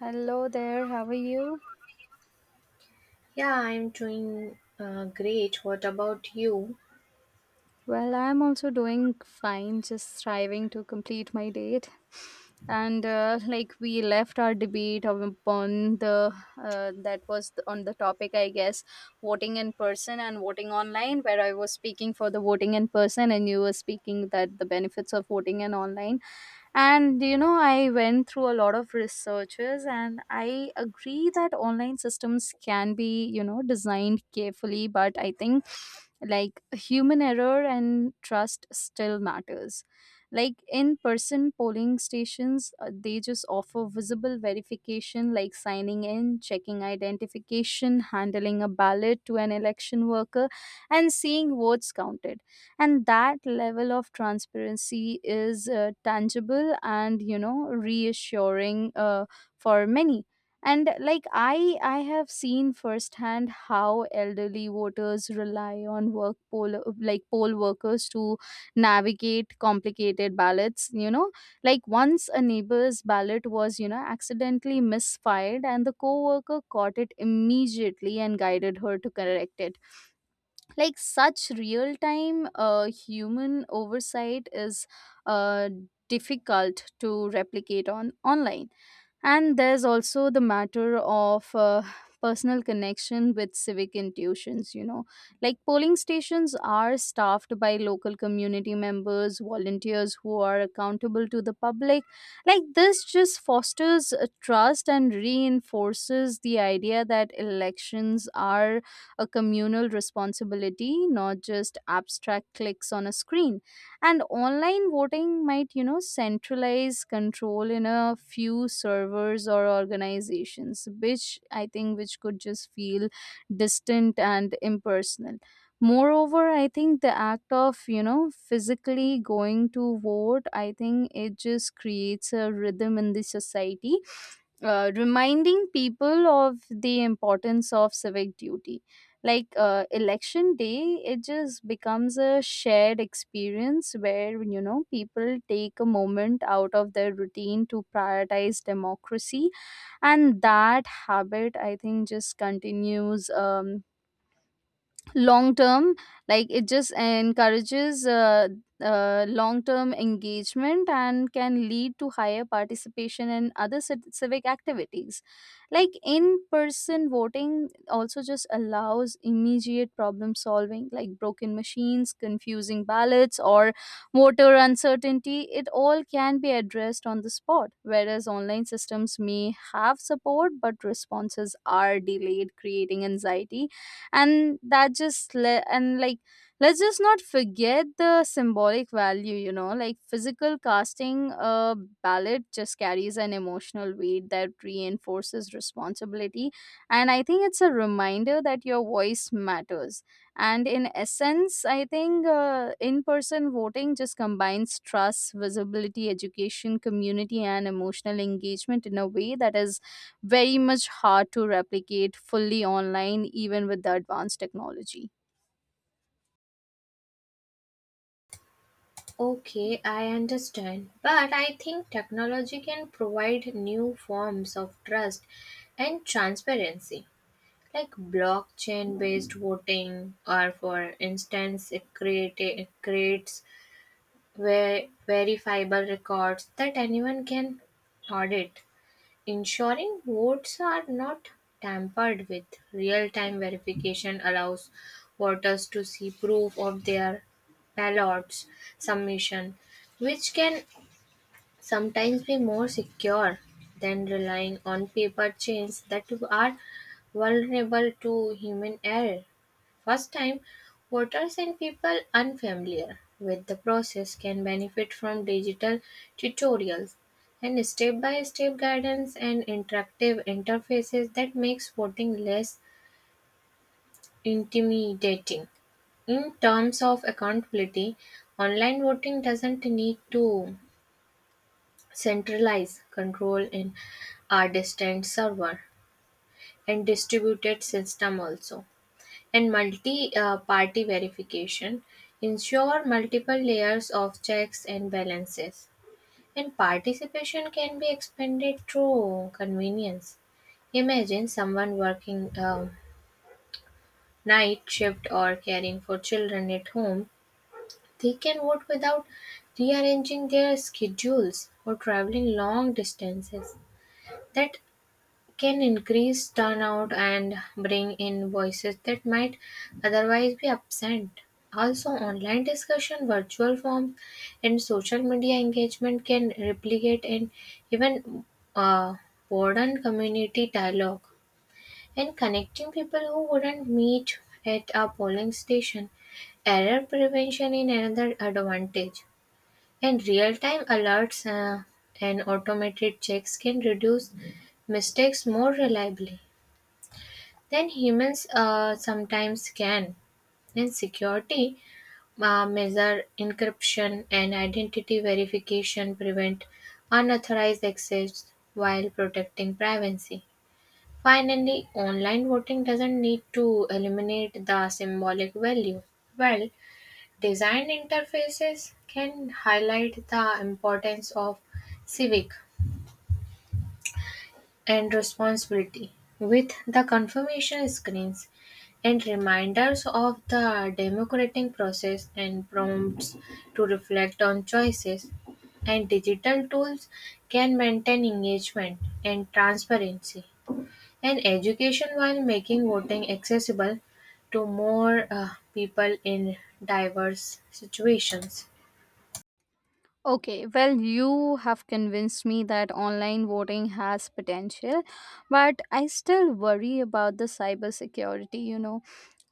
Hello there, how are you? Yeah, I'm doing great. What about you? Well, I'm also doing fine, just striving to complete my date. And like we left our debate of- upon the that was the, on the topic, I guess, voting in person and voting online, where I was speaking for the voting in person, and you were speaking that the benefits of voting and online. And you know, I went through a lot of researches and I agree that online systems can be, you know, designed carefully, but I think like human error and trust still matters. Like in person polling stations, they just offer visible verification like signing in, checking identification, handling a ballot to an election worker, and seeing votes counted, and that level of transparency is tangible and you know reassuring for many. And like I have seen firsthand how elderly voters rely on work poll like poll workers to navigate complicated ballots, you know, like once a neighbor's ballot was, you know, accidentally misfired and the co-worker caught it immediately and guided her to correct it. Like such real time human oversight is uh, difficult to replicate on online. And there's also the matter of personal connection with civic intuitions, you know. Like polling stations are staffed by local community members, volunteers who are accountable to the public. Like this just fosters a trust and reinforces the idea that elections are a communal responsibility, not just abstract clicks on a screen. And online voting might, you know, centralize control in a few servers or organizations, which I think which could just feel distant and impersonal. Moreover, I think the act of, you know, physically going to vote, I think it just creates a rhythm in the society, reminding people of the importance of civic duty. Like election day, it just becomes a shared experience where, you know, people take a moment out of their routine to prioritize democracy. And that habit, I think, just continues, long term. Like it just encourages long term engagement and can lead to higher participation in other civic activities. Like in person voting also just allows immediate problem solving, like broken machines, confusing ballots, or voter uncertainty. It all can be addressed on the spot, whereas online systems may have support but responses are delayed, creating anxiety. And let's just not forget the symbolic value, you know, like physical casting a ballot just carries an emotional weight that reinforces responsibility. And I think it's a reminder that your voice matters. And in essence, I think, in person voting just combines trust, visibility, education, community, and emotional engagement in a way that is very much hard to replicate fully online, even with the advanced technology. Okay, I understand. But I think technology can provide new forms of trust and transparency, like blockchain based voting, or for instance, it creates verifiable records that anyone can audit. Ensuring votes are not tampered with. Real time verification allows voters to see proof of their ballots submission, which can sometimes be more secure than relying on paper chains that are vulnerable to human error. First time voters and people unfamiliar with the process can benefit from digital tutorials and step-by-step guidance and interactive interfaces that makes voting less intimidating. In terms of accountability, online voting doesn't need to centralize control in a distant server and distributed system also, and multi-party verification ensure multiple layers of checks and balances. And participation can be expanded through convenience. Imagine someone working a night shift or caring for children at home. They can vote without rearranging their schedules or traveling long distances. That can increase turnout and bring in voices that might otherwise be absent. Also, online discussion, virtual forms, and social media engagement can replicate and even uh, broaden community dialogue and connecting people who wouldn't meet at a polling station. Error prevention in another advantage. And real-time alerts and automated checks can reduce mistakes more reliably than humans sometimes can. In security, measure encryption and identity verification prevent unauthorized access while protecting privacy. Finally, online voting doesn't need to eliminate the symbolic value. Well, design interfaces can highlight the importance of civic and responsibility with the confirmation screens and reminders of the democratic process and prompts to reflect on choices. And digital tools can maintain engagement and transparency and education while making voting accessible to more people in diverse situations. Okay, well, you have convinced me that online voting has potential, but I still worry about the cybersecurity, you know.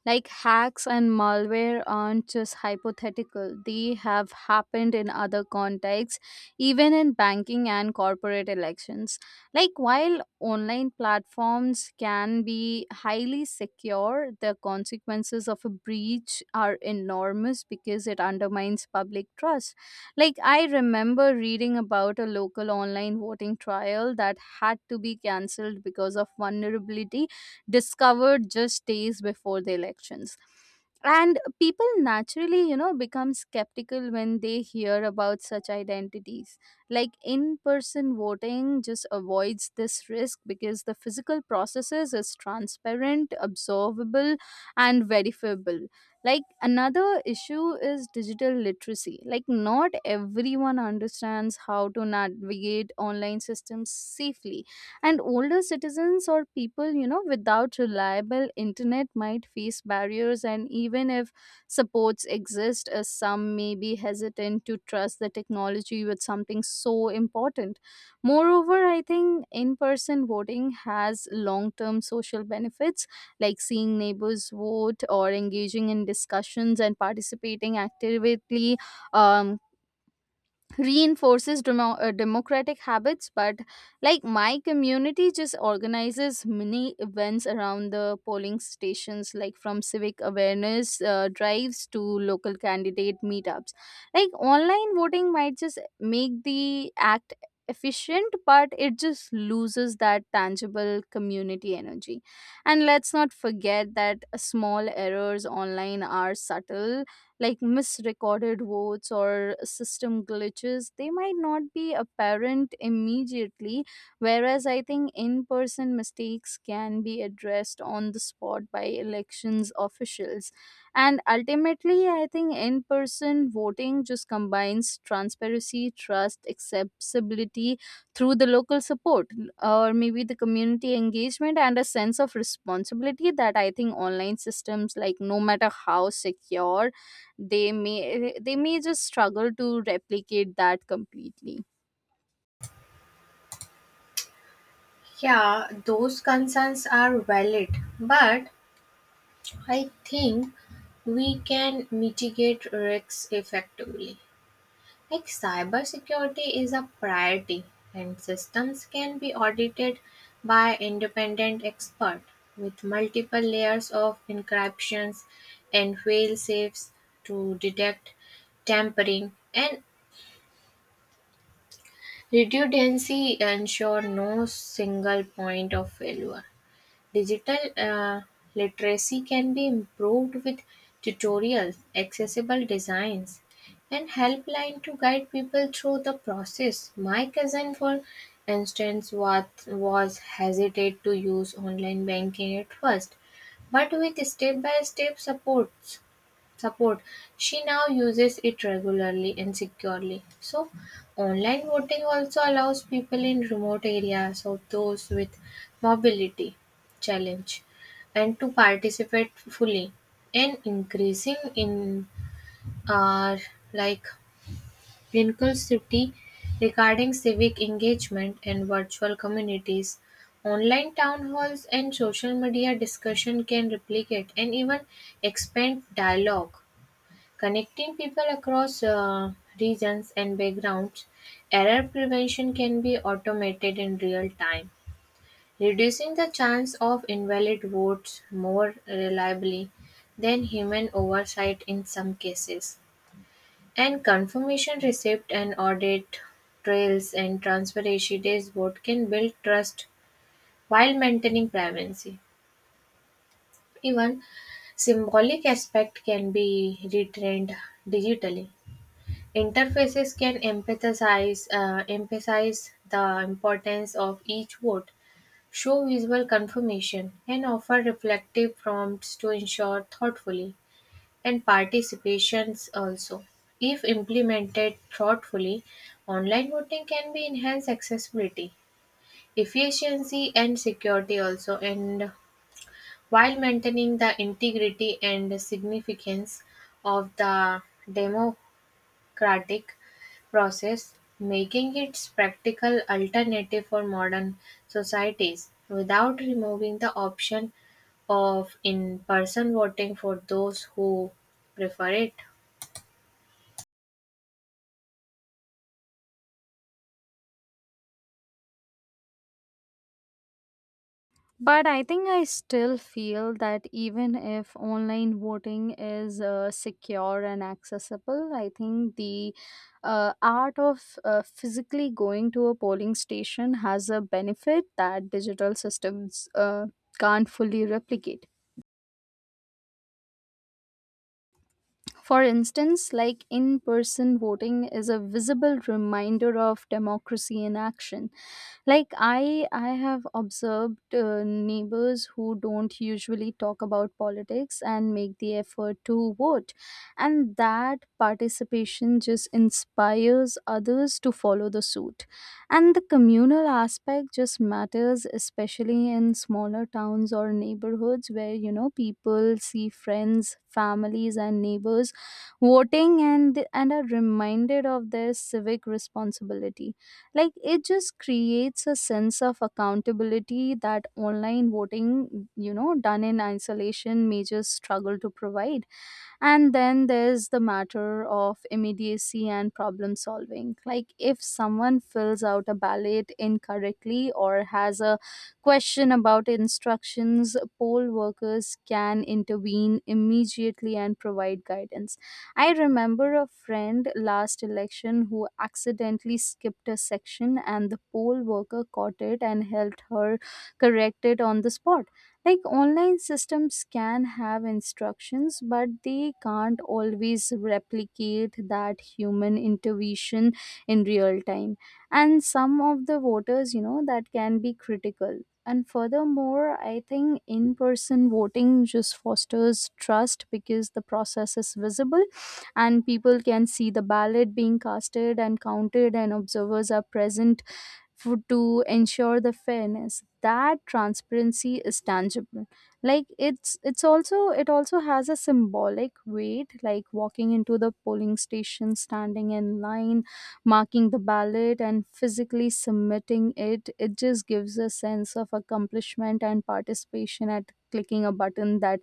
Like hacks and malware aren't just hypothetical, they have happened in other contexts, even in banking and corporate elections. Like, while online platforms can be highly secure, the consequences of a breach are enormous because it undermines public trust. Like, I remember reading about a local online voting trial that had to be cancelled because of vulnerability discovered just days before the elections, and people naturally, you know, become skeptical when they hear about such identities. Like in person voting just avoids this risk because the physical processes is transparent, observable, and verifiable. Like another issue is digital literacy. Like not everyone understands how to navigate online systems safely, and older citizens or people, you know, without reliable internet might face barriers, and even if supports exist, some may be hesitant to trust the technology with something so important. Moreover, I think in-person voting has long-term social benefits, like seeing neighbors vote or engaging in discussions and participating actively, um, reinforces democratic habits. But like my community just organizes mini events around the polling stations, like from civic awareness drives to local candidate meetups. Like online voting might just make the act efficient, but it just loses that tangible community energy. And let's not forget that small errors online are subtle, like misrecorded votes or system glitches, they might not be apparent immediately, whereas I think in person mistakes can be addressed on the spot by elections officials. And ultimately, I think in person voting just combines transparency, trust, accessibility through the local support, or maybe the community engagement and a sense of responsibility that, I think, online systems, like no matter how secure they may, just struggle to replicate that completely. Yeah, those concerns are valid, but I think we can mitigate risks effectively. Like cybersecurity is a priority, and systems can be audited by independent expert with multiple layers of encryptions and fail safes to detect tampering and redundancy ensure no single point of failure. Digital literacy can be improved with tutorials, accessible designs, and helpline to guide people through the process. My cousin, for instance, was hesitant to use online banking at first, but with step by step support. She now uses it regularly and securely. So, online voting also allows people in remote areas or those with mobility challenge and to participate fully. And increasing in our like inclusivity regarding civic engagement and virtual communities. Online town halls and social media discussion can replicate and even expand dialogue, connecting people across regions and backgrounds. Error prevention can be automated in real time, reducing the chance of invalid votes more reliably than human oversight in some cases. And confirmation receipt and audit trails and transparency dashboard can build trust while maintaining privacy. Even symbolic aspect can be retrained digitally. Interfaces can emphasize the importance of each vote, show visual confirmation, and offer reflective prompts to ensure thoughtfully and participations also. If implemented thoughtfully, online voting can be enhanced accessibility, efficiency, and security also, and while maintaining the integrity and significance of the demo Democratic process, making its practical alternative for modern societies, without removing the option of in person voting for those who prefer it. But I think I still feel that even if online voting is secure and accessible, I think the art of physically going to a polling station has a benefit that digital systems uh, can't fully replicate. For instance, like in person voting is a visible reminder of democracy in action. Like I have observed neighbors who don't usually talk about politics and make the effort to vote, and that participation just inspires others to follow the suit. And the communal aspect just matters, especially in smaller towns or neighborhoods where, you know, people see friends, families, and neighbors voting, and are reminded of their civic responsibility. Like it just creates a sense of accountability that online voting, you know, done in isolation, may just struggle to provide. And then there's the matter of immediacy and problem solving. Like, if someone fills out a ballot incorrectly or has a question about instructions, poll workers can intervene immediately and provide guidance. I remember a friend last election who accidentally skipped a section, and the poll worker caught it and helped her correct it on the spot. Like online systems can have instructions, but they can't always replicate that human intervention in real time, and some of the voters, you know, that can be critical. And furthermore, I think in person voting just fosters trust because the process is visible, and people can see the ballot being casted and counted, and observers are present for, to ensure the fairness. That transparency is tangible. Like it's also it also has a symbolic weight, like walking into the polling station, standing in line, marking the ballot, and physically submitting it, it just gives a sense of accomplishment and participation at clicking a button that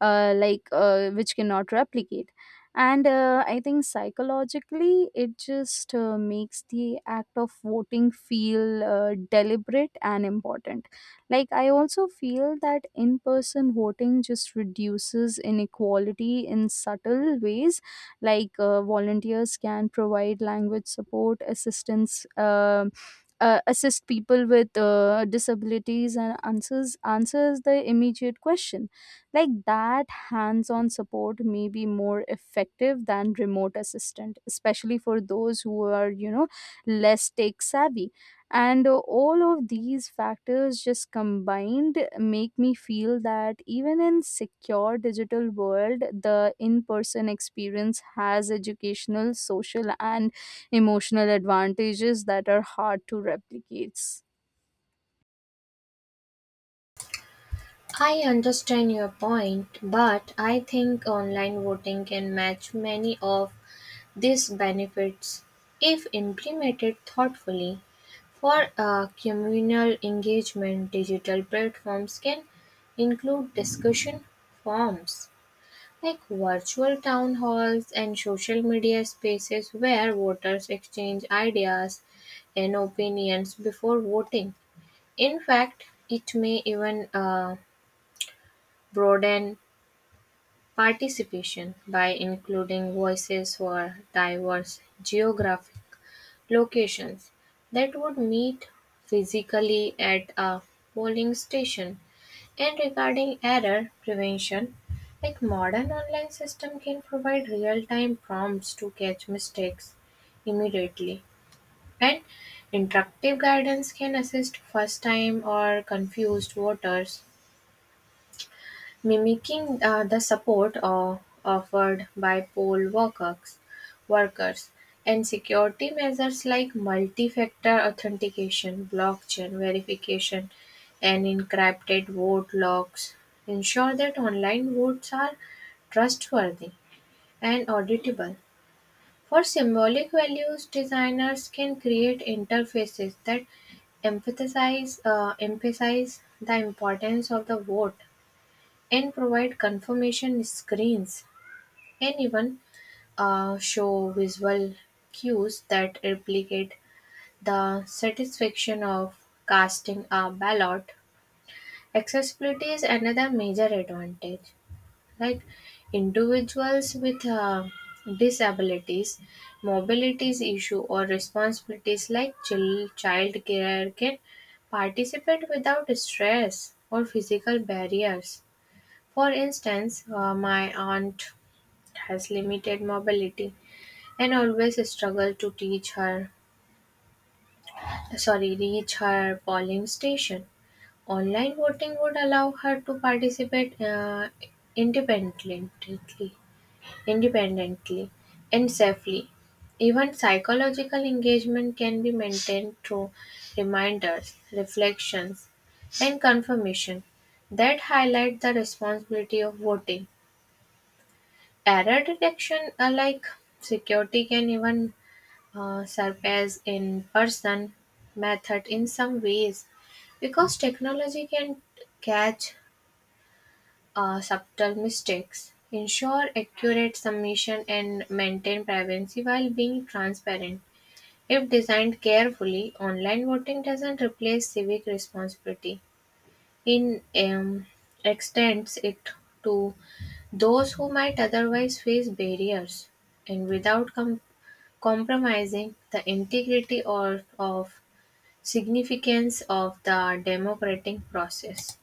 which cannot replicate. And I think psychologically, it just makes the act of voting feel deliberate and important. Like I also feel that in person voting just reduces inequality in subtle ways. Like volunteers can provide language support assistance, assist people with disabilities, and answers the immediate question. Like that hands on support may be more effective than remote assistant, especially for those who are, you know, less tech savvy. And all of these factors just combined make me feel that even in secure digital world, the in-person experience has educational, social, and emotional advantages that are hard to replicate. I understand your point, but I think online voting can match many of these benefits if implemented thoughtfully. For a communal engagement, digital platforms can include discussion forums like virtual town halls and social media spaces where voters exchange ideas and opinions before voting. In fact, it may even broaden participation by including voices for diverse geographies. Locations that would meet physically at a polling station, and regarding error prevention, like modern online system can provide real-time prompts to catch mistakes immediately, and interactive guidance can assist first-time or confused voters, mimicking the support offered by workers, and security measures like multi-factor authentication, blockchain verification, and encrypted vote logs ensure that online votes are trustworthy and auditable. For symbolic values, designers can create interfaces that emphasize the importance of the vote and provide confirmation screens, and even show visual cues that replicate the satisfaction of casting a ballot. Accessibility is another major advantage. Like individuals with disabilities, mobilities issue, or responsibilities like child care can participate without stress or physical barriers. For instance, my aunt has limited mobility and always struggle to teach her sorry reach her polling station. Online voting would allow her to participate independently, independently and safely. Even psychological engagement can be maintained through reminders, reflections, and confirmation that highlight the responsibility of voting. Error detection, like security, can even surpass in-person method in some ways because technology can catch subtle mistakes, ensure accurate submission, and maintain privacy while being transparent. If designed carefully, online voting doesn't replace civic responsibility in extends it to those who might otherwise face barriers and without compromising the integrity or of significance of the democratic process.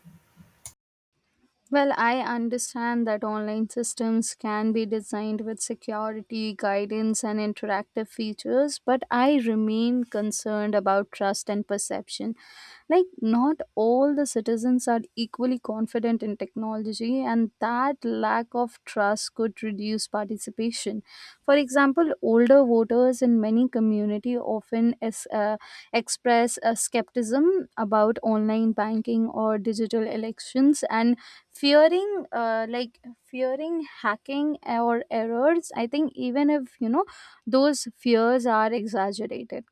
Well, I understand that online systems can be designed with security, guidance, and interactive features, but I remain concerned about trust and perception. Like, not all the citizens are equally confident in technology, and that lack of trust could reduce participation. For example, older voters in many community often express a skepticism about online banking or digital elections, and fearing fearing hacking or errors, I think, even if, you know, those fears are exaggerated.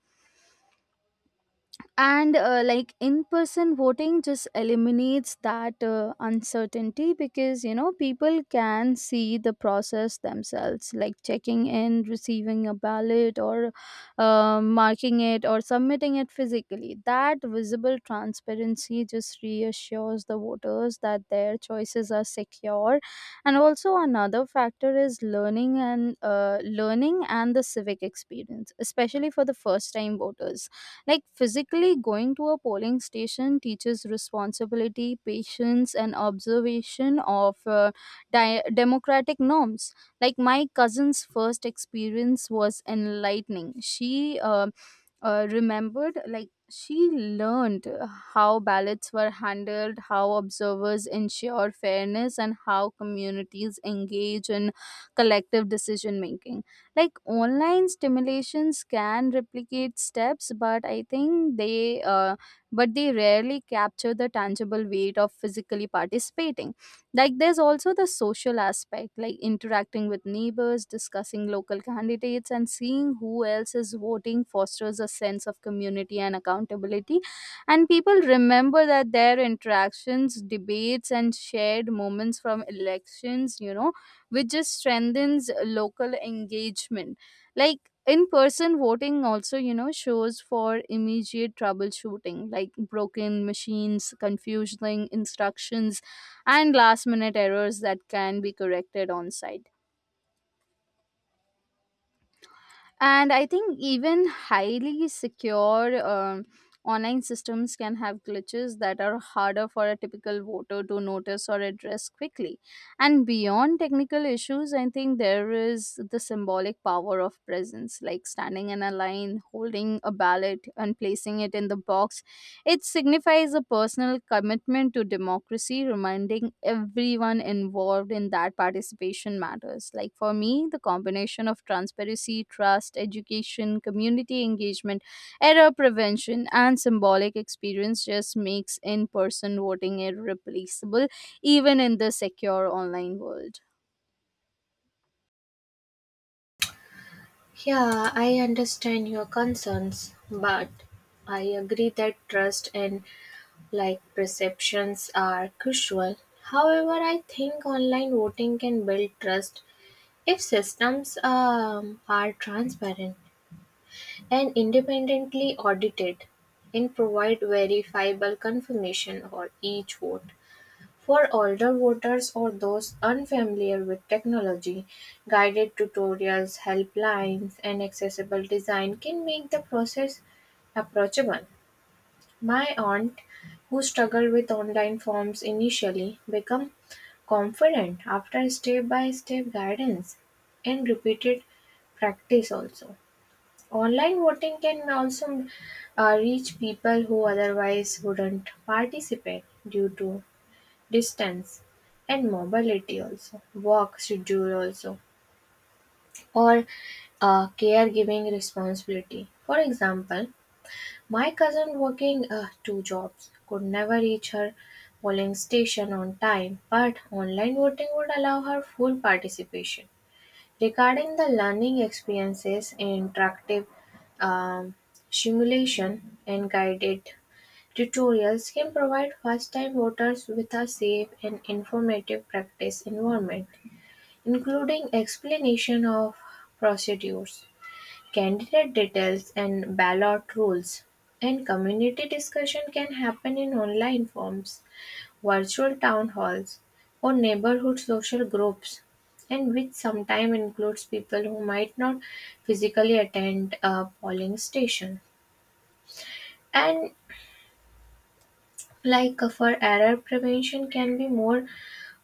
And like in person voting just eliminates that uncertainty because, you know, people can see the process themselves, like checking in, receiving a ballot, or marking it, or submitting it physically. That visible transparency just reassures the voters that their choices are secure. And also another factor is learning and the civic experience, especially for the first time voters. Like physically going to a polling station teaches responsibility, patience, and observation of democratic norms. Like my cousin's first experience was enlightening. She remembered, like she learned how ballots were handled, how observers ensure fairness, and how communities engage in collective decision making. Like online stimulations can replicate steps, but I think they rarely capture the tangible weight of physically participating. Like there's also the social aspect, like interacting with neighbors, discussing local candidates, and seeing who else is voting fosters a sense of community and accountability. And people remember that their interactions, debates, and shared moments from elections, you know, which just strengthens local engagement. Like in person voting also, you know, shows for immediate troubleshooting, like broken machines, confusing instructions, and last minute errors that can be corrected on site. And I think even highly secure, online systems can have glitches that are harder for a typical voter to notice or address quickly. And beyond technical issues, I think there is the symbolic power of presence, like standing in a line, holding a ballot, and placing it in the box, it signifies a personal commitment to democracy, reminding everyone involved in that participation matters. Like for me, the combination of transparency, trust, education, community engagement, error prevention, and symbolic experience just makes in person voting irreplaceable, even in the secure online world. Yeah, I understand your concerns, but I agree that trust and like perceptions are crucial. However, I think online voting can build trust if systems are transparent and independently audited and provide verifiable confirmation for each vote. For older voters or those unfamiliar with technology, guided tutorials, helplines, and accessible design can make the process approachable. My aunt, who struggled with online forms initially, became confident after step-by-step guidance and repeated practice also. Online voting can also reach people who otherwise wouldn't participate due to distance and mobility also, work schedule also, or caregiving responsibility. For example, my cousin working two jobs could never reach her polling station on time, but online voting would allow her full participation. Regarding the learning experiences, interactive um, simulation and guided tutorials can provide first-time voters with a safe and informative practice environment, including explanation of procedures. Candidate details and ballot rules and community discussion can happen in online forums, virtual town halls, or neighborhood social groups, and which sometimes includes people who might not physically attend a polling station. And like for error prevention can be more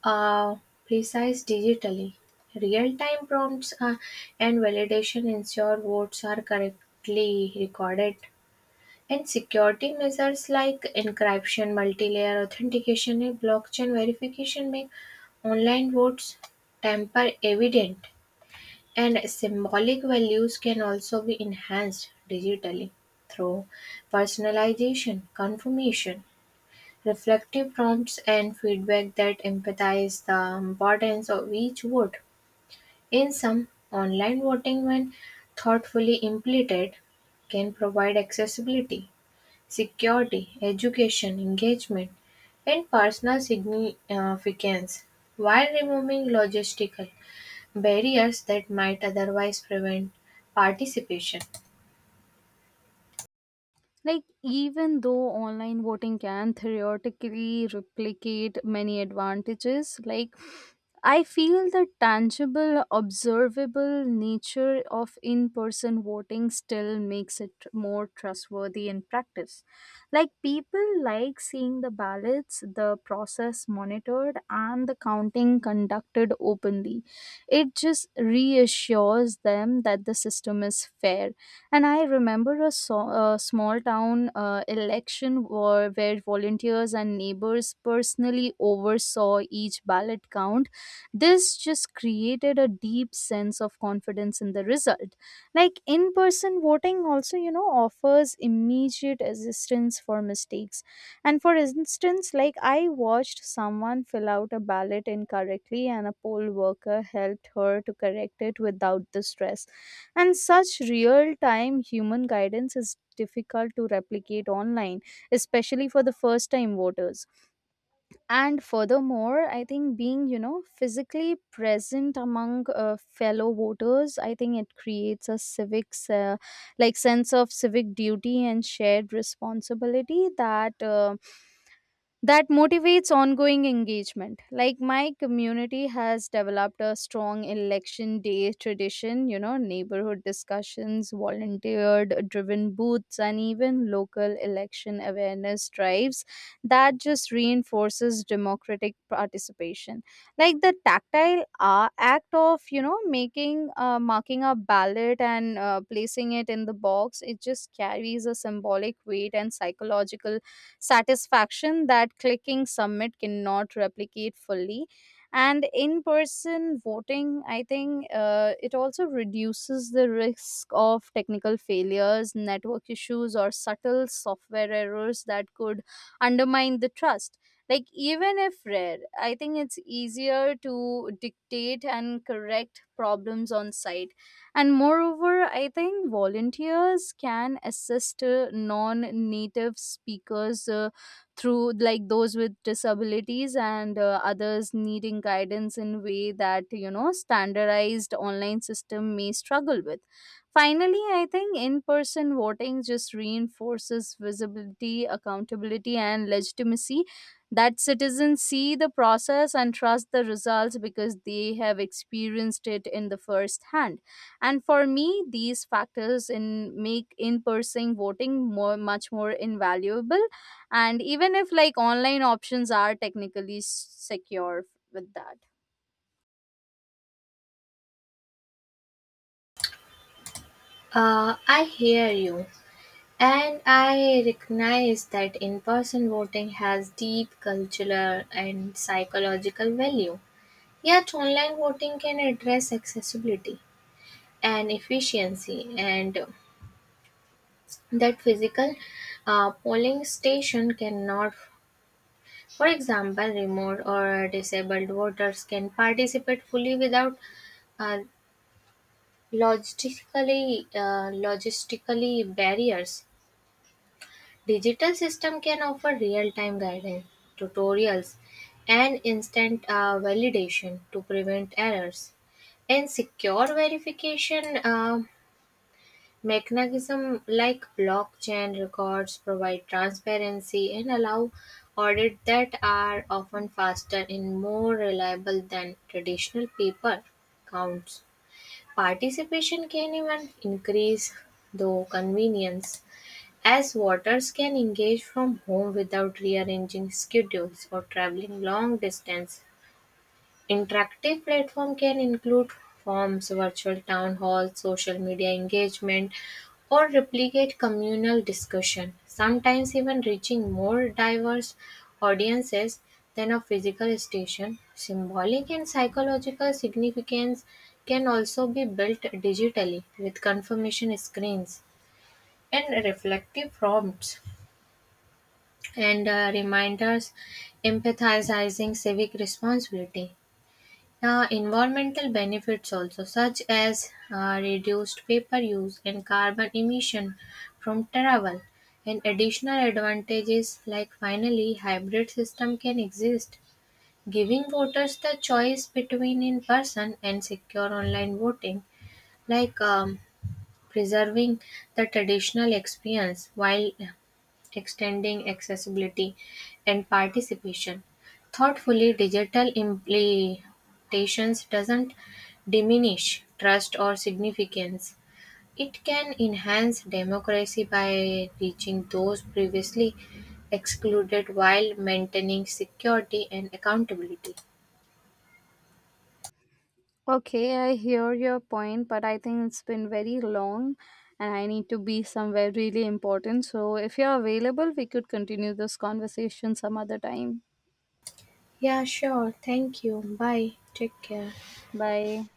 uh, precise digitally. Real-time prompts and validation ensure votes are correctly recorded. And security measures like encryption, multi-layer authentication, and blockchain verification make online votes tamper evident. And symbolic values can also be enhanced digitally through personalization, confirmation, reflective prompts, and feedback that emphasize the importance of each vote. In some, online voting, when thoughtfully implemented, can provide accessibility security, education, engagement, and personal significance while removing logistical barriers that might otherwise prevent participation. Like, even though online voting can theoretically replicate many advantages, like, I feel the tangible, observable nature of in person voting still makes it more trustworthy in practice. Like, people like seeing the ballots, the process monitored, and the counting conducted openly. It just reassures them that the system is fair. And I remember a, small town election where volunteers and neighbors personally oversaw each ballot count. This just created a deep sense of confidence in the result. Like in person voting, also, you know, offers immediate assistance for mistakes. And for instance, like I watched someone fill out a ballot incorrectly, and a poll worker helped her to correct it without the stress. And such real time human guidance is difficult to replicate online, especially for the first time voters. And furthermore, I think being, you know, physically present among fellow voters, I think it creates a civics, like sense of civic duty and shared responsibility that motivates ongoing engagement. Like my community has developed a strong election day tradition, you know, neighborhood discussions, volunteered driven booths, and even local election awareness drives that just reinforces democratic participation. Like the tactile act of, you know, marking a ballot and placing it in the box, it just carries a symbolic weight and psychological satisfaction that clicking submit cannot replicate fully. And in person voting, I think it also reduces the risk of technical failures, network issues, or subtle software errors that could undermine the trust. Like, even if rare, I think it's easier to dictate and correct problems on site. And moreover, I think volunteers can assist non native speakers through like those with disabilities and others needing guidance in way that, you know, standardized online system may struggle with. Finally, I think in person voting just reinforces visibility, accountability, and legitimacy, that citizens see the process and trust the results because they have experienced it in the first hand. And for me, these factors in make in-person voting more invaluable. And even if like online options are technically secure with that. I hear you, and I recognize that in person voting has deep cultural and psychological value. Yet, online voting can address accessibility and efficiency, and that physical polling station cannot. For example, remote or disabled voters can participate fully without uh, logistically barriers. Digital system can offer real-time guidance, tutorials, and instant validation to prevent errors. And secure verification. Mechanisms like blockchain records provide transparency and allow audits that are often faster and more reliable than traditional paper counts. Participation can even increase, though, convenience, as voters can engage from home without rearranging schedules or traveling long distance. Interactive platform can include forms, virtual town halls, social media engagement, or replicate communal discussion, sometimes even reaching more diverse audiences than a physical station. Symbolic and psychological significance can also be built digitally with confirmation screens and reflective prompts and reminders empathizing civic responsibility, environmental benefits also, such as reduced paper use and carbon emission from travel, and additional advantages like finally hybrid system can exist, giving voters the choice between in-person and secure online voting, like preserving the traditional experience while extending accessibility and participation. Thoughtfully digital implementations doesn't diminish trust or significance. It can enhance democracy by reaching those previously excluded while maintaining security and accountability. Okay, I hear your point, but I think it's been very long and I need to be somewhere really important. So if you're available, we could continue this conversation some other time. Yeah, sure. Thank you. Bye. Take care. Bye.